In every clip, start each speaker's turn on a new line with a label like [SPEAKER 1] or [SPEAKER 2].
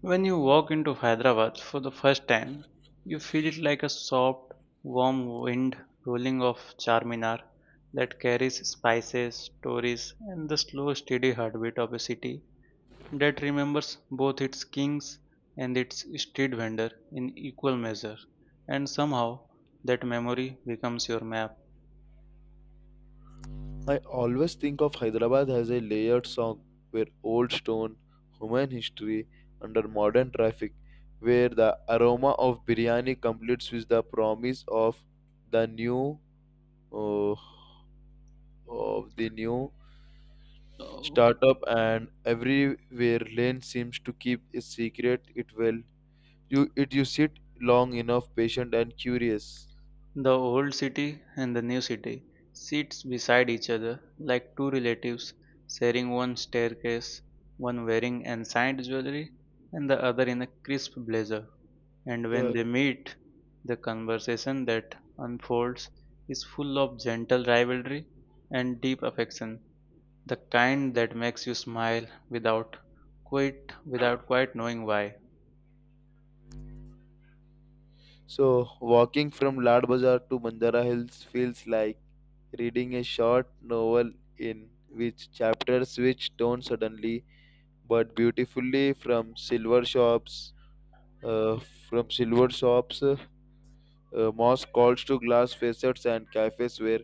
[SPEAKER 1] When you walk into Hyderabad for the first time, you feel it like a soft, warm wind rolling off Charminar that carries spices, stories, and the slow, steady heartbeat of a city that remembers both its kings and its street vendor in equal measure. And somehow, that memory becomes your map.
[SPEAKER 2] I always think of Hyderabad as a layered song where old stone, human history under modern traffic, where the aroma of biryani completes with the promise the new uh, of the new startup and everywhere lane seems to keep a secret it well you sit long enough patient and curious.
[SPEAKER 1] The old city and the new city sits beside each other like two relatives sharing one staircase, one wearing ensigned jewelry and the other in a crisp blazer. And when
[SPEAKER 2] Yeah.
[SPEAKER 1] they meet, the conversation that unfolds is full of gentle rivalry and deep affection, the kind that makes you smile without quite knowing why.
[SPEAKER 2] So, walking from Lad Bazaar to Mandara Hills feels like reading a short novel in which chapters switch tone suddenly but beautifully from silver shops, uh, from silver shops, uh, mosque calls to glass facades and cafes where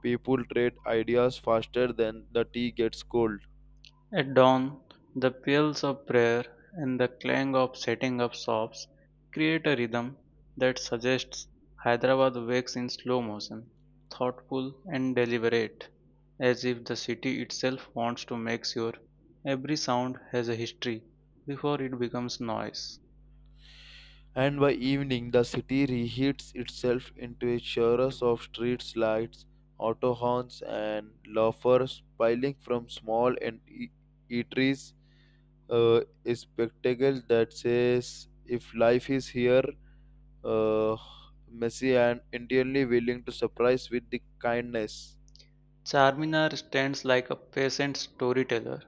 [SPEAKER 2] people trade ideas faster than the tea gets cold.
[SPEAKER 1] At dawn, the peals of prayer and the clang of setting up shops create a rhythm that suggests Hyderabad wakes in slow motion, thoughtful and deliberate, as if the city itself wants to make sure every sound has a history before it becomes noise.
[SPEAKER 2] And by evening the city reheats itself into a chorus of street lights, auto horns, and laughers piling from eateries. A spectacle that says, if life is here, uh, messy and entirely willing to surprise with the kindness.
[SPEAKER 1] Charminar stands like a patient storyteller,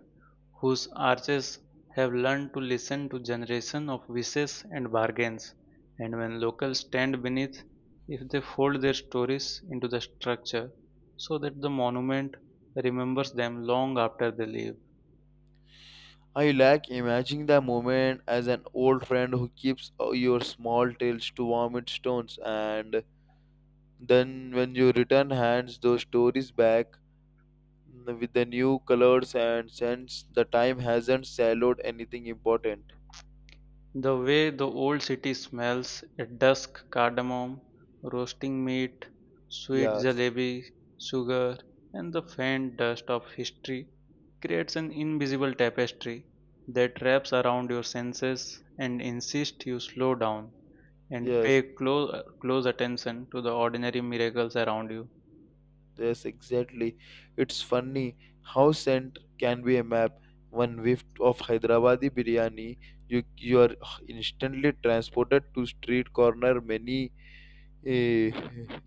[SPEAKER 1] whose arches have learned to listen to generations of wishes and bargains, and when locals stand beneath, if they fold their stories into the structure so that the monument remembers them long after they leave.
[SPEAKER 2] I like imagining the moment as an old friend who keeps your small tales to vomit tones and then, when you return, hands those stories back with the new colors and scents. The time hasn't swallowed anything important.
[SPEAKER 1] The way the old city smells at dusk cardamom, roasting meat, sweet
[SPEAKER 2] Yes,
[SPEAKER 1] jalebi, sugar, and the faint dust of history creates an invisible tapestry that wraps around your senses and insists you slow down and
[SPEAKER 2] yes,
[SPEAKER 1] pay close attention to the ordinary miracles around you.
[SPEAKER 2] yes, exactly. It's funny how scent can be a map. One whiff of Hyderabadi biryani, you are instantly transported to street corner. Many eh,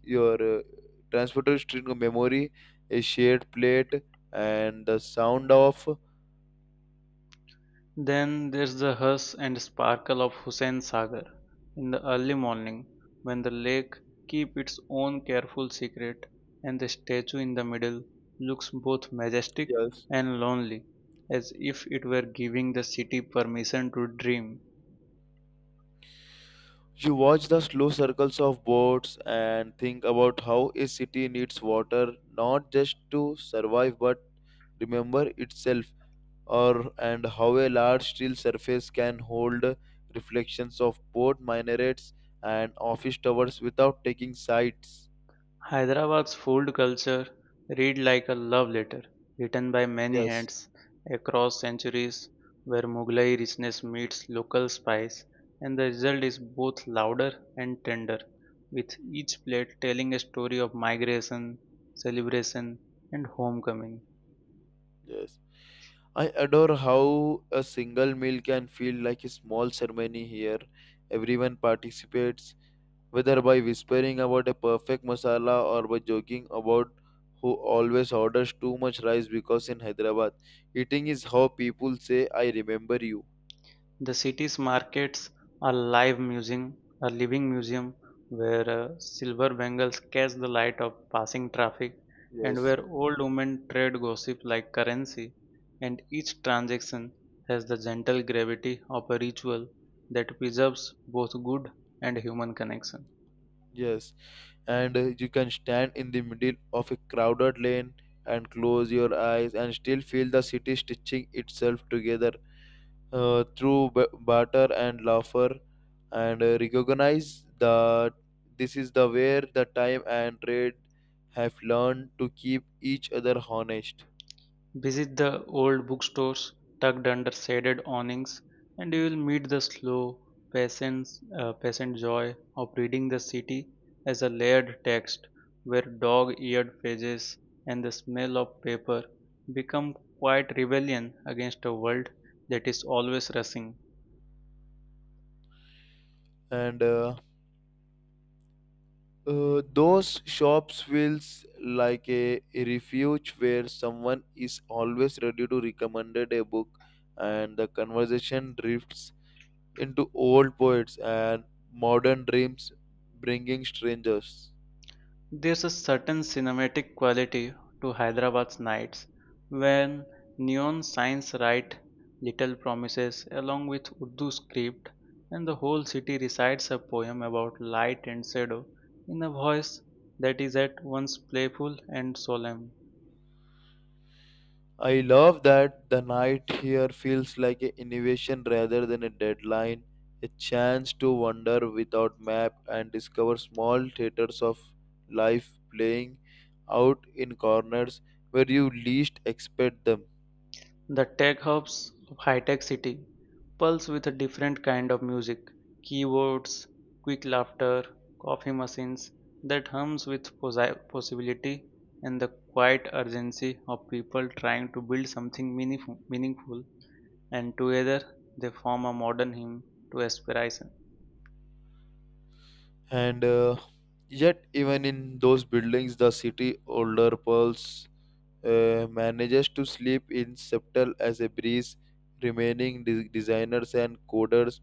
[SPEAKER 2] your Transported to street memory, a shared plate, and the sound of
[SPEAKER 1] Then there's the hush and sparkle of Hussain Sagar in the early morning when the lake keeps its own careful secret and the statue in the middle looks both majestic
[SPEAKER 2] yes.
[SPEAKER 1] and lonely as if it were giving the city permission to dream.
[SPEAKER 2] You watch the slow circles of boats and think about how a city needs water not just to survive but remember itself, or and how a large steel surface can hold reflections of port minarets and office towers without taking sides.
[SPEAKER 1] Hyderabad's food culture read like a love letter written by many
[SPEAKER 2] Yes,
[SPEAKER 1] hands across centuries where Mughlai richness meets local spice and the result is both louder and tender with each plate telling a story of migration, celebration and homecoming.
[SPEAKER 2] yes. I adore how a single meal can feel like a small ceremony here. Everyone participates whether by whispering about a perfect masala or by joking about who always orders too much rice because in Hyderabad, eating is how people say, I remember you.
[SPEAKER 1] The city's markets a living museum where silver bangles catch the light of passing traffic and
[SPEAKER 2] Yes,
[SPEAKER 1] where old women trade gossip like currency, and each transaction has the gentle gravity of a ritual that preserves both good and human connection.
[SPEAKER 2] yes. And you can stand in the middle of a crowded lane and close your eyes and still feel the city stitching itself together, through barter and laughter, and recognize that this is the where the time and trade have learned to keep each other honest.
[SPEAKER 1] Visit the old bookstores tucked under shaded awnings, and you will meet the slow, patient, patient joy of reading the city as a layered text where dog eared pages and the smell of paper become quite rebellion against a world that is always rushing.
[SPEAKER 2] And Those shops feels like a refuge where someone is always ready to recommend a book and the conversation drifts into old poets and modern dreams, bringing strangers.
[SPEAKER 1] There's a certain cinematic quality to Hyderabad's nights when neon signs write little promises along with Urdu script and the whole city recites a poem about light and shadow in a voice that is at once playful and solemn.
[SPEAKER 2] I love that the night here feels like an innovation rather than a deadline, a chance to wander without map and discover small theaters of life playing out in corners where you least expect them.
[SPEAKER 1] The tech hubs of high-tech city pulse with a different kind of music, keyboards, quick laughter, coffee machines that hums with possibility and the quiet urgency of people trying to build something meaningful and together they form a modern hymn to aspiration.
[SPEAKER 2] And Yet, even in those buildings, the city older pulse manages to sleep in subtle as a breeze, remaining designers and coders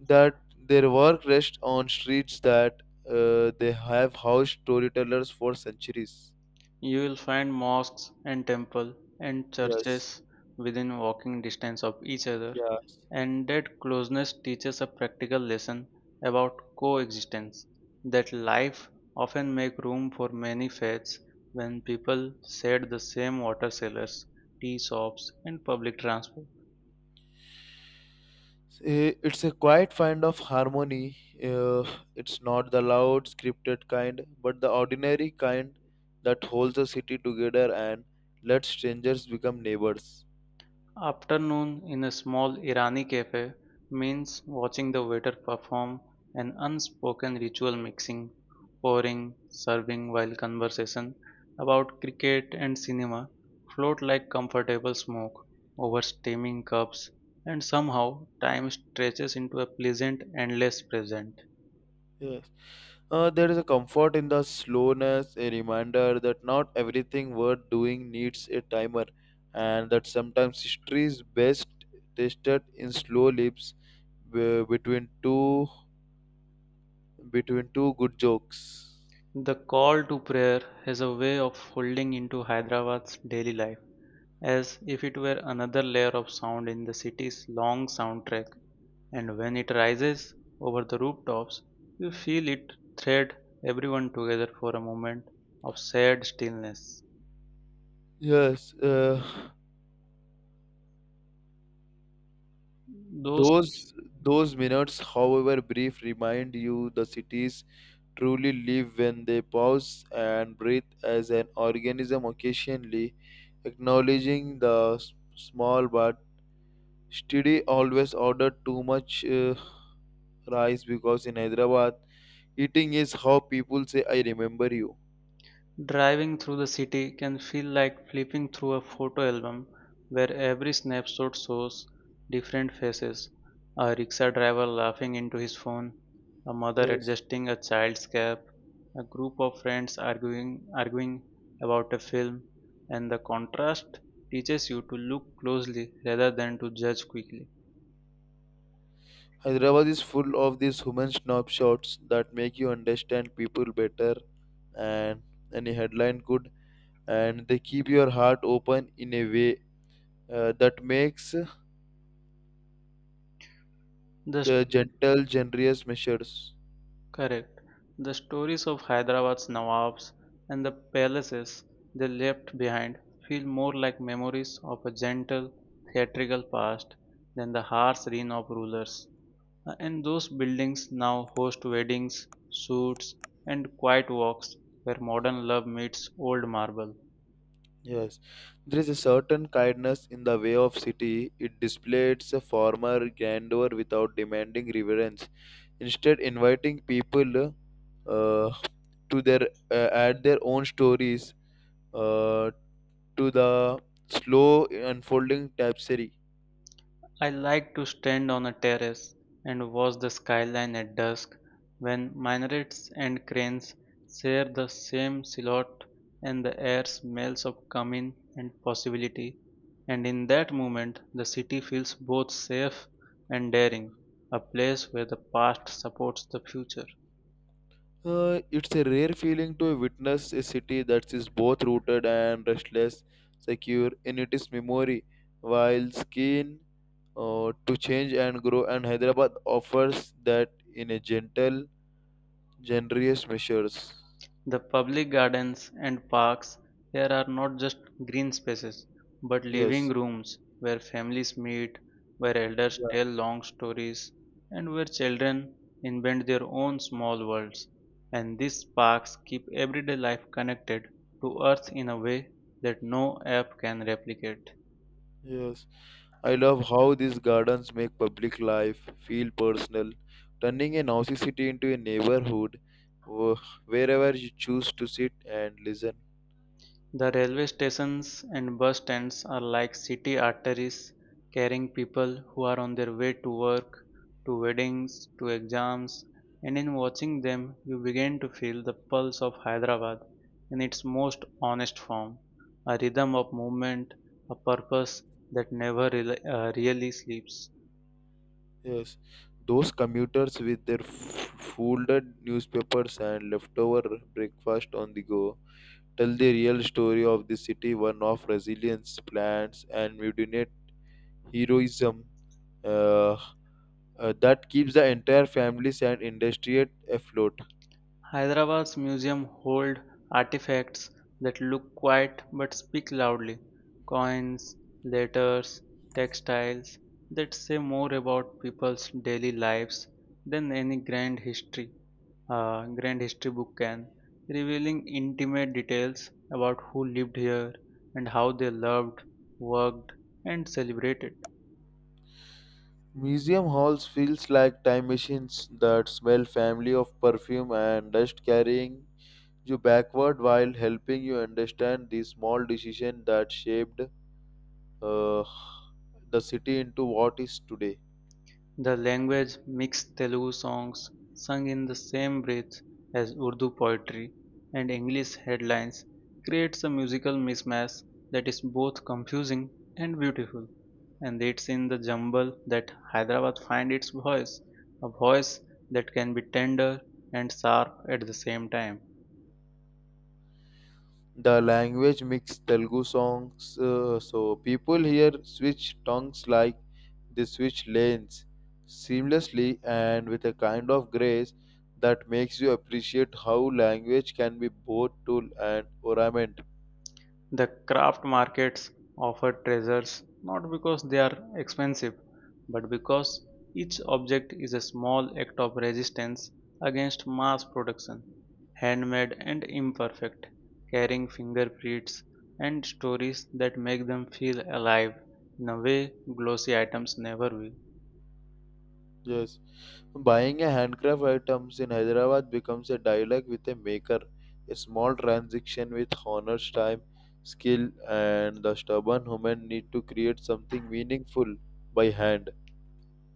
[SPEAKER 2] that their work rests on streets that they have housed storytellers for centuries.
[SPEAKER 1] You will find mosques and temples and
[SPEAKER 2] Yes,
[SPEAKER 1] churches within walking distance of each other,
[SPEAKER 2] yes.
[SPEAKER 1] and that closeness teaches a practical lesson about coexistence, that life often make room for many faiths when people share the same water sellers, tea shops, and public transport.
[SPEAKER 2] It's a quiet kind of harmony. Uh, it's not the loud, scripted kind, but the ordinary kind that holds a city together and lets strangers become neighbors.
[SPEAKER 1] Afternoon in a small Irani cafe means watching the waiter perform an unspoken ritual mixing, pouring, serving while conversation about cricket and cinema float like comfortable smoke over steaming cups, and somehow time stretches into a pleasant endless present.
[SPEAKER 2] Yeah. There is a comfort in the slowness, a reminder that not everything worth doing needs a timer, and that sometimes history is best tasted in slow lips be- between two between two good jokes.
[SPEAKER 1] The call to prayer has a way of folding into Hyderabad's daily life as if it were another layer of sound in the city's long soundtrack. And when it rises over the rooftops, you feel it thread everyone together for a moment of sad stillness.
[SPEAKER 2] Yes,
[SPEAKER 1] Those
[SPEAKER 2] those those minutes, however brief, remind you the cities truly live when they pause and breathe as an organism, occasionally acknowledging the small but steady always ordered too much rice because in Hyderabad, eating is how people say, I remember you.
[SPEAKER 1] Driving through the city can feel like flipping through a photo album where every snapshot shows different faces, a rickshaw driver laughing into his phone, a mother
[SPEAKER 2] Yes.
[SPEAKER 1] adjusting a child's cap, a group of friends arguing about a film, and the contrast teaches you to look closely rather than to judge quickly.
[SPEAKER 2] Hyderabad is full of these human snapshots that make you understand people better and any headline could, and they keep your heart open in a way that makes
[SPEAKER 1] The
[SPEAKER 2] the gentle, generous measures.
[SPEAKER 1] Correct. The stories of Hyderabad's nawabs and the palaces they left behind feel more like memories of a gentle, theatrical past than the harsh reign of rulers. And those buildings now host weddings, suits, and quiet walks where modern love meets old marble.
[SPEAKER 2] Yes, there is a certain kindness in the way of city. It displays a former grandeur without demanding reverence. Instead, inviting people uh, to their add their own stories uh, to the slow unfolding tapestry.
[SPEAKER 1] I like to stand on a terrace and watch the skyline at dusk when minarets and cranes share the same silhouette and the air smells of cumin and possibility. And in that moment, the city feels both safe and daring, a place where the past supports the future.
[SPEAKER 2] It's a rare feeling to witness a city that is both rooted and restless, secure in its memory, while skin to change and grow, and Hyderabad offers that in a gentle, generous measures.
[SPEAKER 1] The public gardens and parks here are not just green spaces, but living
[SPEAKER 2] Yes,
[SPEAKER 1] rooms where families meet, where elders
[SPEAKER 2] yeah,
[SPEAKER 1] tell long stories, and where children invent their own small worlds. And these parks keep everyday life connected to earth in a way that no app can replicate.
[SPEAKER 2] yes. I love how these gardens make public life feel personal, turning a noisy city into a neighborhood wh- wherever you choose to sit and listen.
[SPEAKER 1] The railway stations and bus stands are like city arteries carrying people who are on their way to work, to weddings, to exams, and in watching them you begin to feel the pulse of Hyderabad in its most honest form, a rhythm of movement, a purpose that never really sleeps.
[SPEAKER 2] Yes, those commuters with their folded newspapers and leftover breakfast on the go tell the real story of the city, one of resilience, plans, and mutinate heroism uh, that keeps the entire families and industry afloat.
[SPEAKER 1] Hyderabad's museums hold artifacts that look quiet but speak loudly, coins, letters, textiles that say more about people's daily lives than any grand history book can, revealing intimate details about who lived here and how they loved, worked, and celebrated.
[SPEAKER 2] Museum halls feels like time machines that smell family of perfume and dust carrying you backward while helping you understand the small decision that shaped uh, the city into what is today.
[SPEAKER 1] The language mixed Telugu songs sung in the same breath as Urdu poetry and English headlines creates a musical mismatch that is both confusing and beautiful, and it's in the jumble that Hyderabad finds its voice, a voice that can be tender and sharp at the same time.
[SPEAKER 2] The language mix Telugu songs, so people here switch tongues like they switch lanes seamlessly and with a kind of grace that makes you appreciate how language can be both tool and ornament.
[SPEAKER 1] The craft markets offer treasures not because they are expensive, but because each object is a small act of resistance against mass production, handmade and imperfect, carrying fingerprints and stories that make them feel alive in a way glossy items never will.
[SPEAKER 2] Yes, buying a handcraft items in Hyderabad becomes a dialogue with a maker, a small transaction with honors time, skill, and the stubborn human need to create something meaningful by hand.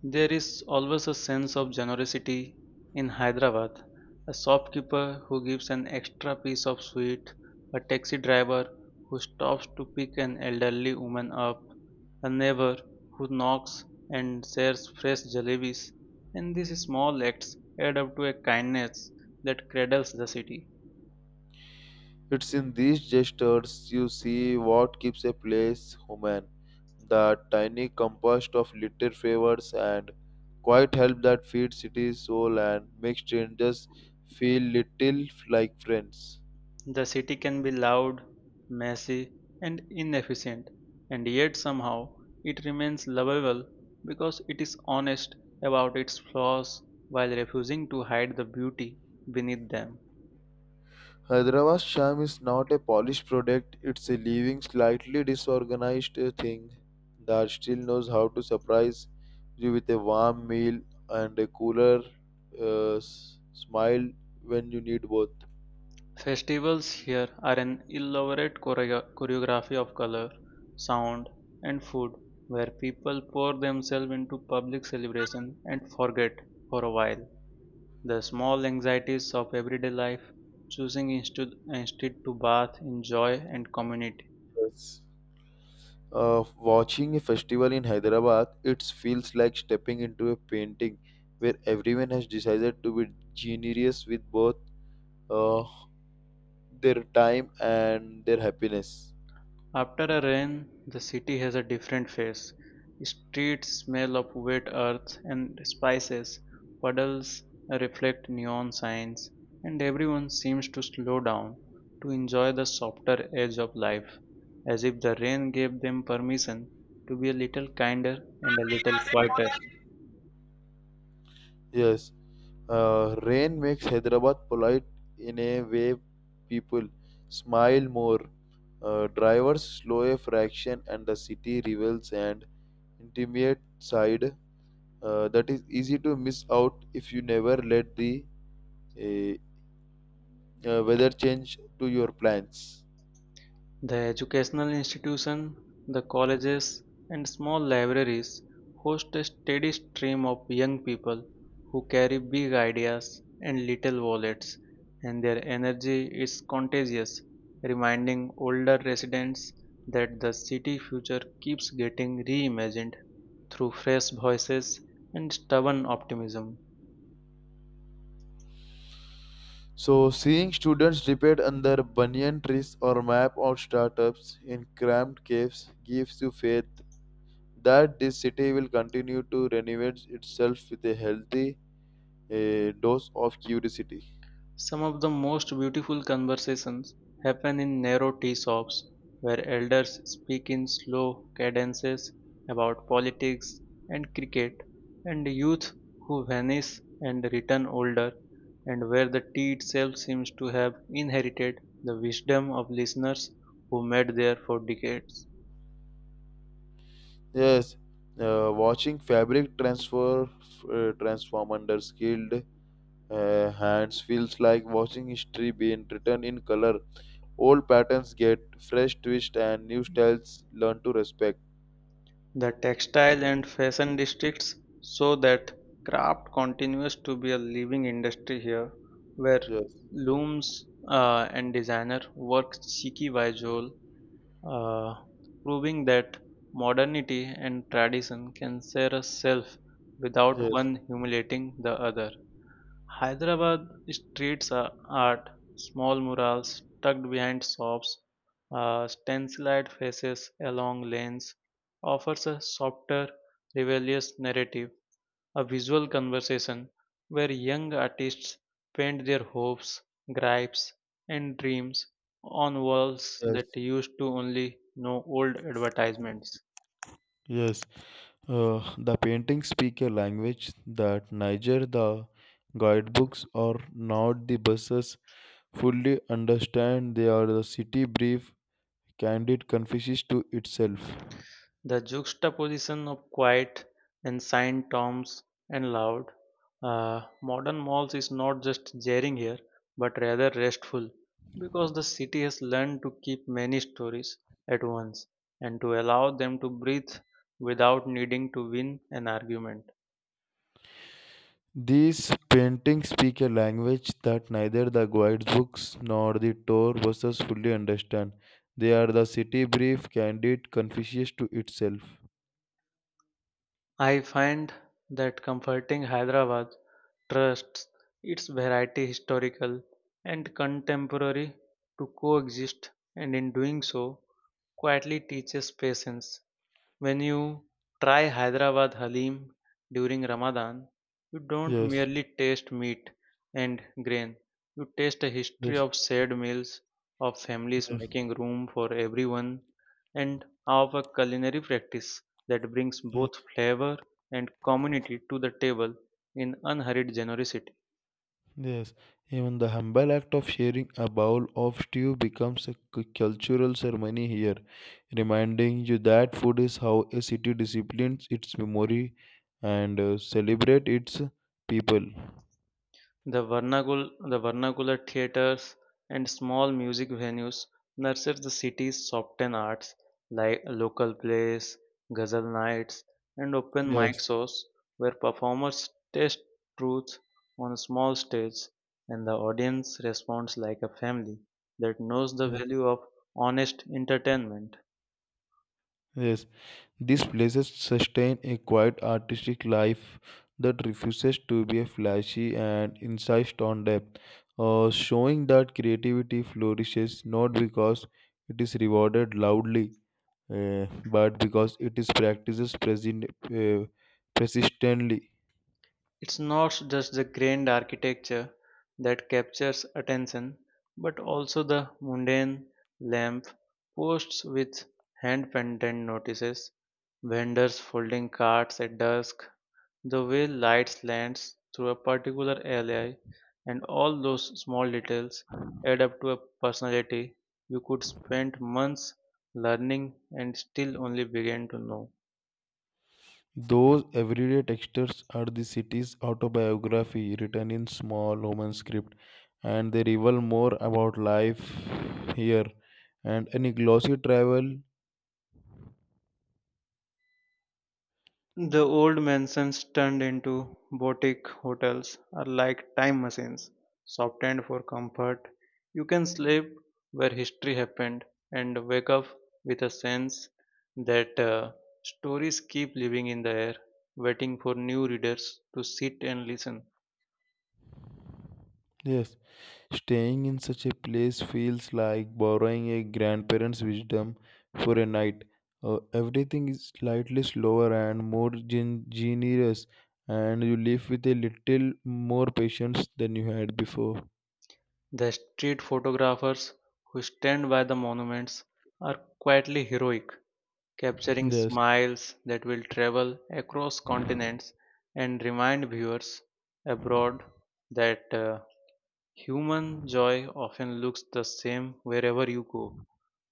[SPEAKER 1] There is always a sense of generosity in Hyderabad. A shopkeeper who gives an extra piece of sweet, a taxi driver who stops to pick an elderly woman up, a neighbor who knocks and shares fresh jalebis, and these small acts add up to a kindness that cradles the city.
[SPEAKER 2] It's in these gestures you see what keeps a place human, the tiny compost of little favors and quiet help that feeds city's soul and makes strangers feel little like friends.
[SPEAKER 1] The city can be loud, messy, and inefficient, and yet somehow it remains lovable because it is honest about its flaws while refusing to hide the beauty beneath them.
[SPEAKER 2] Hyderabad Sham is not a polished product, it's a living, slightly disorganized thing that still knows how to surprise you with a warm meal and a cooler smile when you need both.
[SPEAKER 1] Festivals here are an elaborate choreography of color, sound, and food where people pour themselves into public celebration and forget for a while the small anxieties of everyday life, choosing instead to bath in joy and community.
[SPEAKER 2] Yes. Watching a festival in Hyderabad, it feels like stepping into a painting where everyone has decided to be generous with both uh, their time and their happiness.
[SPEAKER 1] After a rain, the city has a different face. Streets smell of wet earth and spices, puddles reflect neon signs, and everyone seems to slow down to enjoy the softer edge of life, as if the rain gave them permission to be a little kinder and a little quieter.
[SPEAKER 2] Yes, rain makes Hyderabad polite in a way people smile more. Drivers slow a fraction, and the city reveals an intimate side that is easy to miss out if you never let the uh, weather change to your plans.
[SPEAKER 1] The educational institution, the colleges, and small libraries host a steady stream of young people who carry big ideas and little wallets, and their energy is contagious, reminding older residents that the city future keeps getting reimagined through fresh voices and stubborn optimism.
[SPEAKER 2] So, seeing students debate under banyan trees or map out startups in cramped caves gives you faith that this city will continue to renovate itself with a healthy dose of curiosity.
[SPEAKER 1] Some of the most beautiful conversations happen in narrow tea shops, where elders speak in slow cadences about politics and cricket, and youth who vanish and return older, and where the tea itself seems to have inherited the wisdom of listeners who made there for decades.
[SPEAKER 2] Yes, watching fabric transfer transform under skilled hands feels like watching history being written in color. Old patterns get fresh twist and new styles learn to respect.
[SPEAKER 1] The textile and fashion districts so that craft continues to be a living industry here, where
[SPEAKER 2] Yes,
[SPEAKER 1] looms and designer work cheeky by jowl, uh, proving that modernity and tradition can share a self without
[SPEAKER 2] yes,
[SPEAKER 1] one humiliating the other. Hyderabad streets are art, small murals tucked behind shops, stenciled faces along lanes, offers a softer, rebellious narrative, a visual conversation where young artists paint their hopes, gripes, and dreams on walls that
[SPEAKER 2] yes,
[SPEAKER 1] used to only know old advertisements.
[SPEAKER 2] yes. The paintings speak a language that neither the guidebooks or not the buses fully understand. They are the city brief, candid, confuses to itself.
[SPEAKER 1] The juxtaposition of quiet, ancient tombs, and loud, modern malls is not just jarring here, but rather restful, because the city has learned to keep many stories at once and to allow them to breathe without needing to win an argument.
[SPEAKER 2] These paintings speak a language that neither the guide books nor the tour buses fully understand. They are the city brief, candid, confucius to itself.
[SPEAKER 1] I find that comforting. Hyderabad trusts its variety, historical and contemporary, to coexist, and in doing so quietly teaches patience. When you try Hyderabad Haleem during Ramadan, you don't
[SPEAKER 2] Yes,
[SPEAKER 1] merely taste meat and grain, you taste a history
[SPEAKER 2] yes,
[SPEAKER 1] of shared meals, of families
[SPEAKER 2] yes,
[SPEAKER 1] making room for everyone, and of a culinary practice that brings
[SPEAKER 2] yes,
[SPEAKER 1] both flavor and community to the table in unhurried generosity.
[SPEAKER 2] yes. Even the humble act of sharing a bowl of stew becomes a cultural ceremony here, reminding you that food is how a city disciplines its memory and celebrate its people.
[SPEAKER 1] The vernacular theaters and small music venues nurture the city's soften arts like local plays, ghazal nights, and open mic
[SPEAKER 2] Yes,
[SPEAKER 1] shows where performers test truth on a small stage and the audience responds like a family that knows the
[SPEAKER 2] yes,
[SPEAKER 1] value of honest entertainment.
[SPEAKER 2] yes. These places sustain a quiet artistic life that refuses to be flashy and insists on depth, showing that creativity flourishes not because it is rewarded loudly, but because it is practiced present, persistently.
[SPEAKER 1] It's not just the grand architecture that captures attention, but also the mundane lamp posts with hand pendant notices, vendors folding carts at dusk, the way light lands through a particular alley, and all those small details add up to a personality you could spend months learning and still only begin to know.
[SPEAKER 2] Those everyday textures are the city's autobiography written in small Roman script, and they reveal more about life here and any glossy travel.
[SPEAKER 1] The old mansions turned into boutique hotels are like time machines, softened for comfort. You can sleep where history happened and wake up with a sense that stories keep living in the air, waiting for new readers to sit and listen.
[SPEAKER 2] Yes, staying in such a place feels like borrowing a grandparent's wisdom for a night. Everything is slightly slower and more generous, and you live with a little more patience than you had before.
[SPEAKER 1] The street photographers who stand by the monuments are quietly heroic, capturing
[SPEAKER 2] Yes,
[SPEAKER 1] smiles that will travel across continents and remind viewers abroad that human joy often looks the same wherever you go.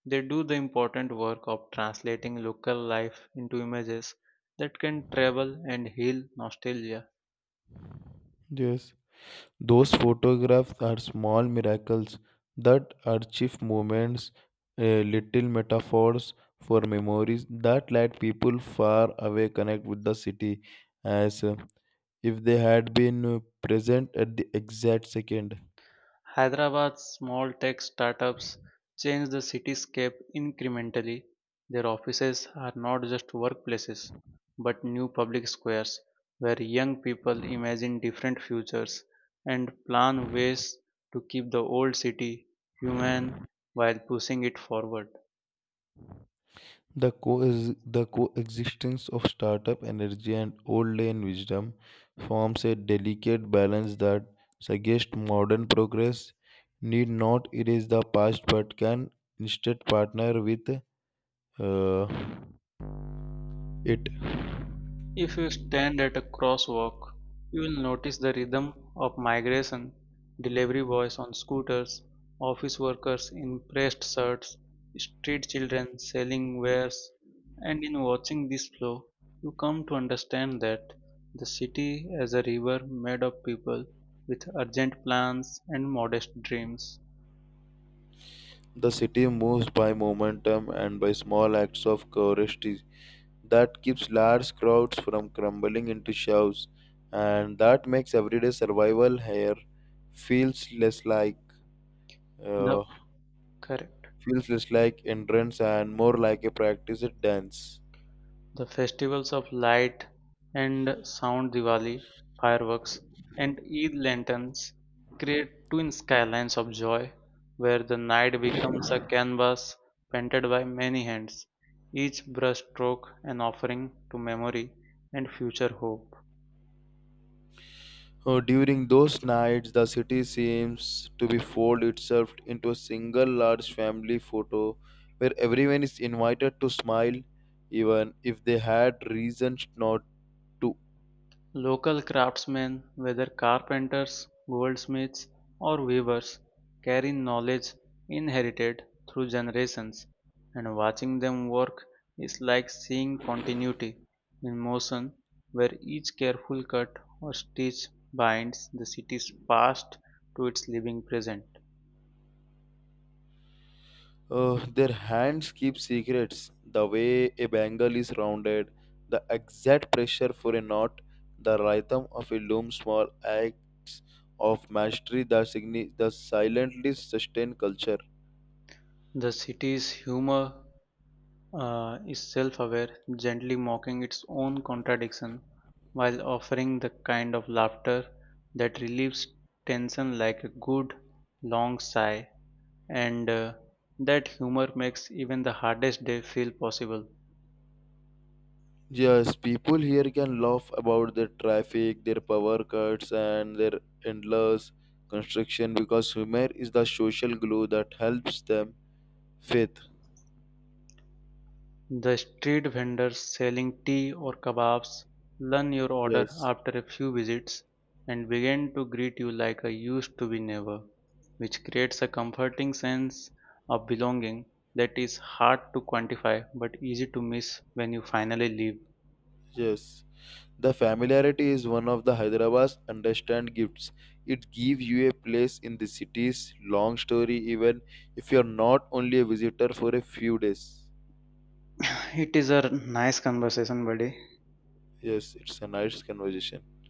[SPEAKER 1] They do the important work of translating local life into images that can travel and heal nostalgia.
[SPEAKER 2] yes. Those photographs are small miracles that archive moments, little metaphors for memories that let people far away connect with the city as. If they had been present at the exact second.
[SPEAKER 1] Hyderabad's small tech startups change the cityscape incrementally. Their offices are not just workplaces, but new public squares where young people imagine different futures and plan ways to keep the old city human while pushing it forward.
[SPEAKER 2] The coexistence of startup energy and old lane wisdom forms a delicate balance that suggests modern progress need not erase the past but can instead partner with uh, it.
[SPEAKER 1] If you stand at a crosswalk, you will notice the rhythm of migration, delivery boys on scooters, office workers in pressed shirts, street children selling wares, and in watching this flow, you come to understand that the city is a river made of people with urgent plans and modest dreams.
[SPEAKER 2] The city moves by momentum and by small acts of courage that keeps large crowds from crumbling into shows and that makes everyday survival here feels less like
[SPEAKER 1] The
[SPEAKER 2] uh,
[SPEAKER 1] Correct.
[SPEAKER 2] feels less like entrance and more like a practice at dance.
[SPEAKER 1] The festivals of light and sound, Diwali, fireworks, and Eid lanterns create twin skylines of joy where the night becomes a canvas painted by many hands, each brushstroke an offering to memory and future hope.
[SPEAKER 2] During those nights the city seems to be fold itself into a single large family photo where everyone is invited to smile even if they had reasons not to.
[SPEAKER 1] Local craftsmen, whether carpenters, goldsmiths, or weavers, carry knowledge inherited through generations, and watching them work is like seeing continuity in motion, where each careful cut or stitch binds the city's past to its living present.
[SPEAKER 2] Their hands keep secrets. The way a bangle is rounded, the exact pressure for a knot, the rhythm of a loom, small acts of mastery that, that silently sustain culture.
[SPEAKER 1] The city's humor is self aware, gently mocking its own contradiction while offering the kind of laughter that relieves tension like a good long sigh, and that humor makes even the hardest day feel possible.
[SPEAKER 2] Yes, people here can laugh about their traffic, their power cuts, and their endless construction because humor is the social glue that helps them. Faith.
[SPEAKER 1] The street vendors selling tea or kebabs learn your order
[SPEAKER 2] Yes.
[SPEAKER 1] after a few visits and begin to greet you like a used to be never, which creates a comforting sense of belonging that is hard to quantify but easy to miss when you finally leave.
[SPEAKER 2] Yes, the familiarity is one of the Hyderabad's understand gifts. It gives you a place in the city's long story, even if you're not only a visitor for a few days.
[SPEAKER 1] It is a nice conversation, buddy.
[SPEAKER 2] Yes, it's a nice conversation.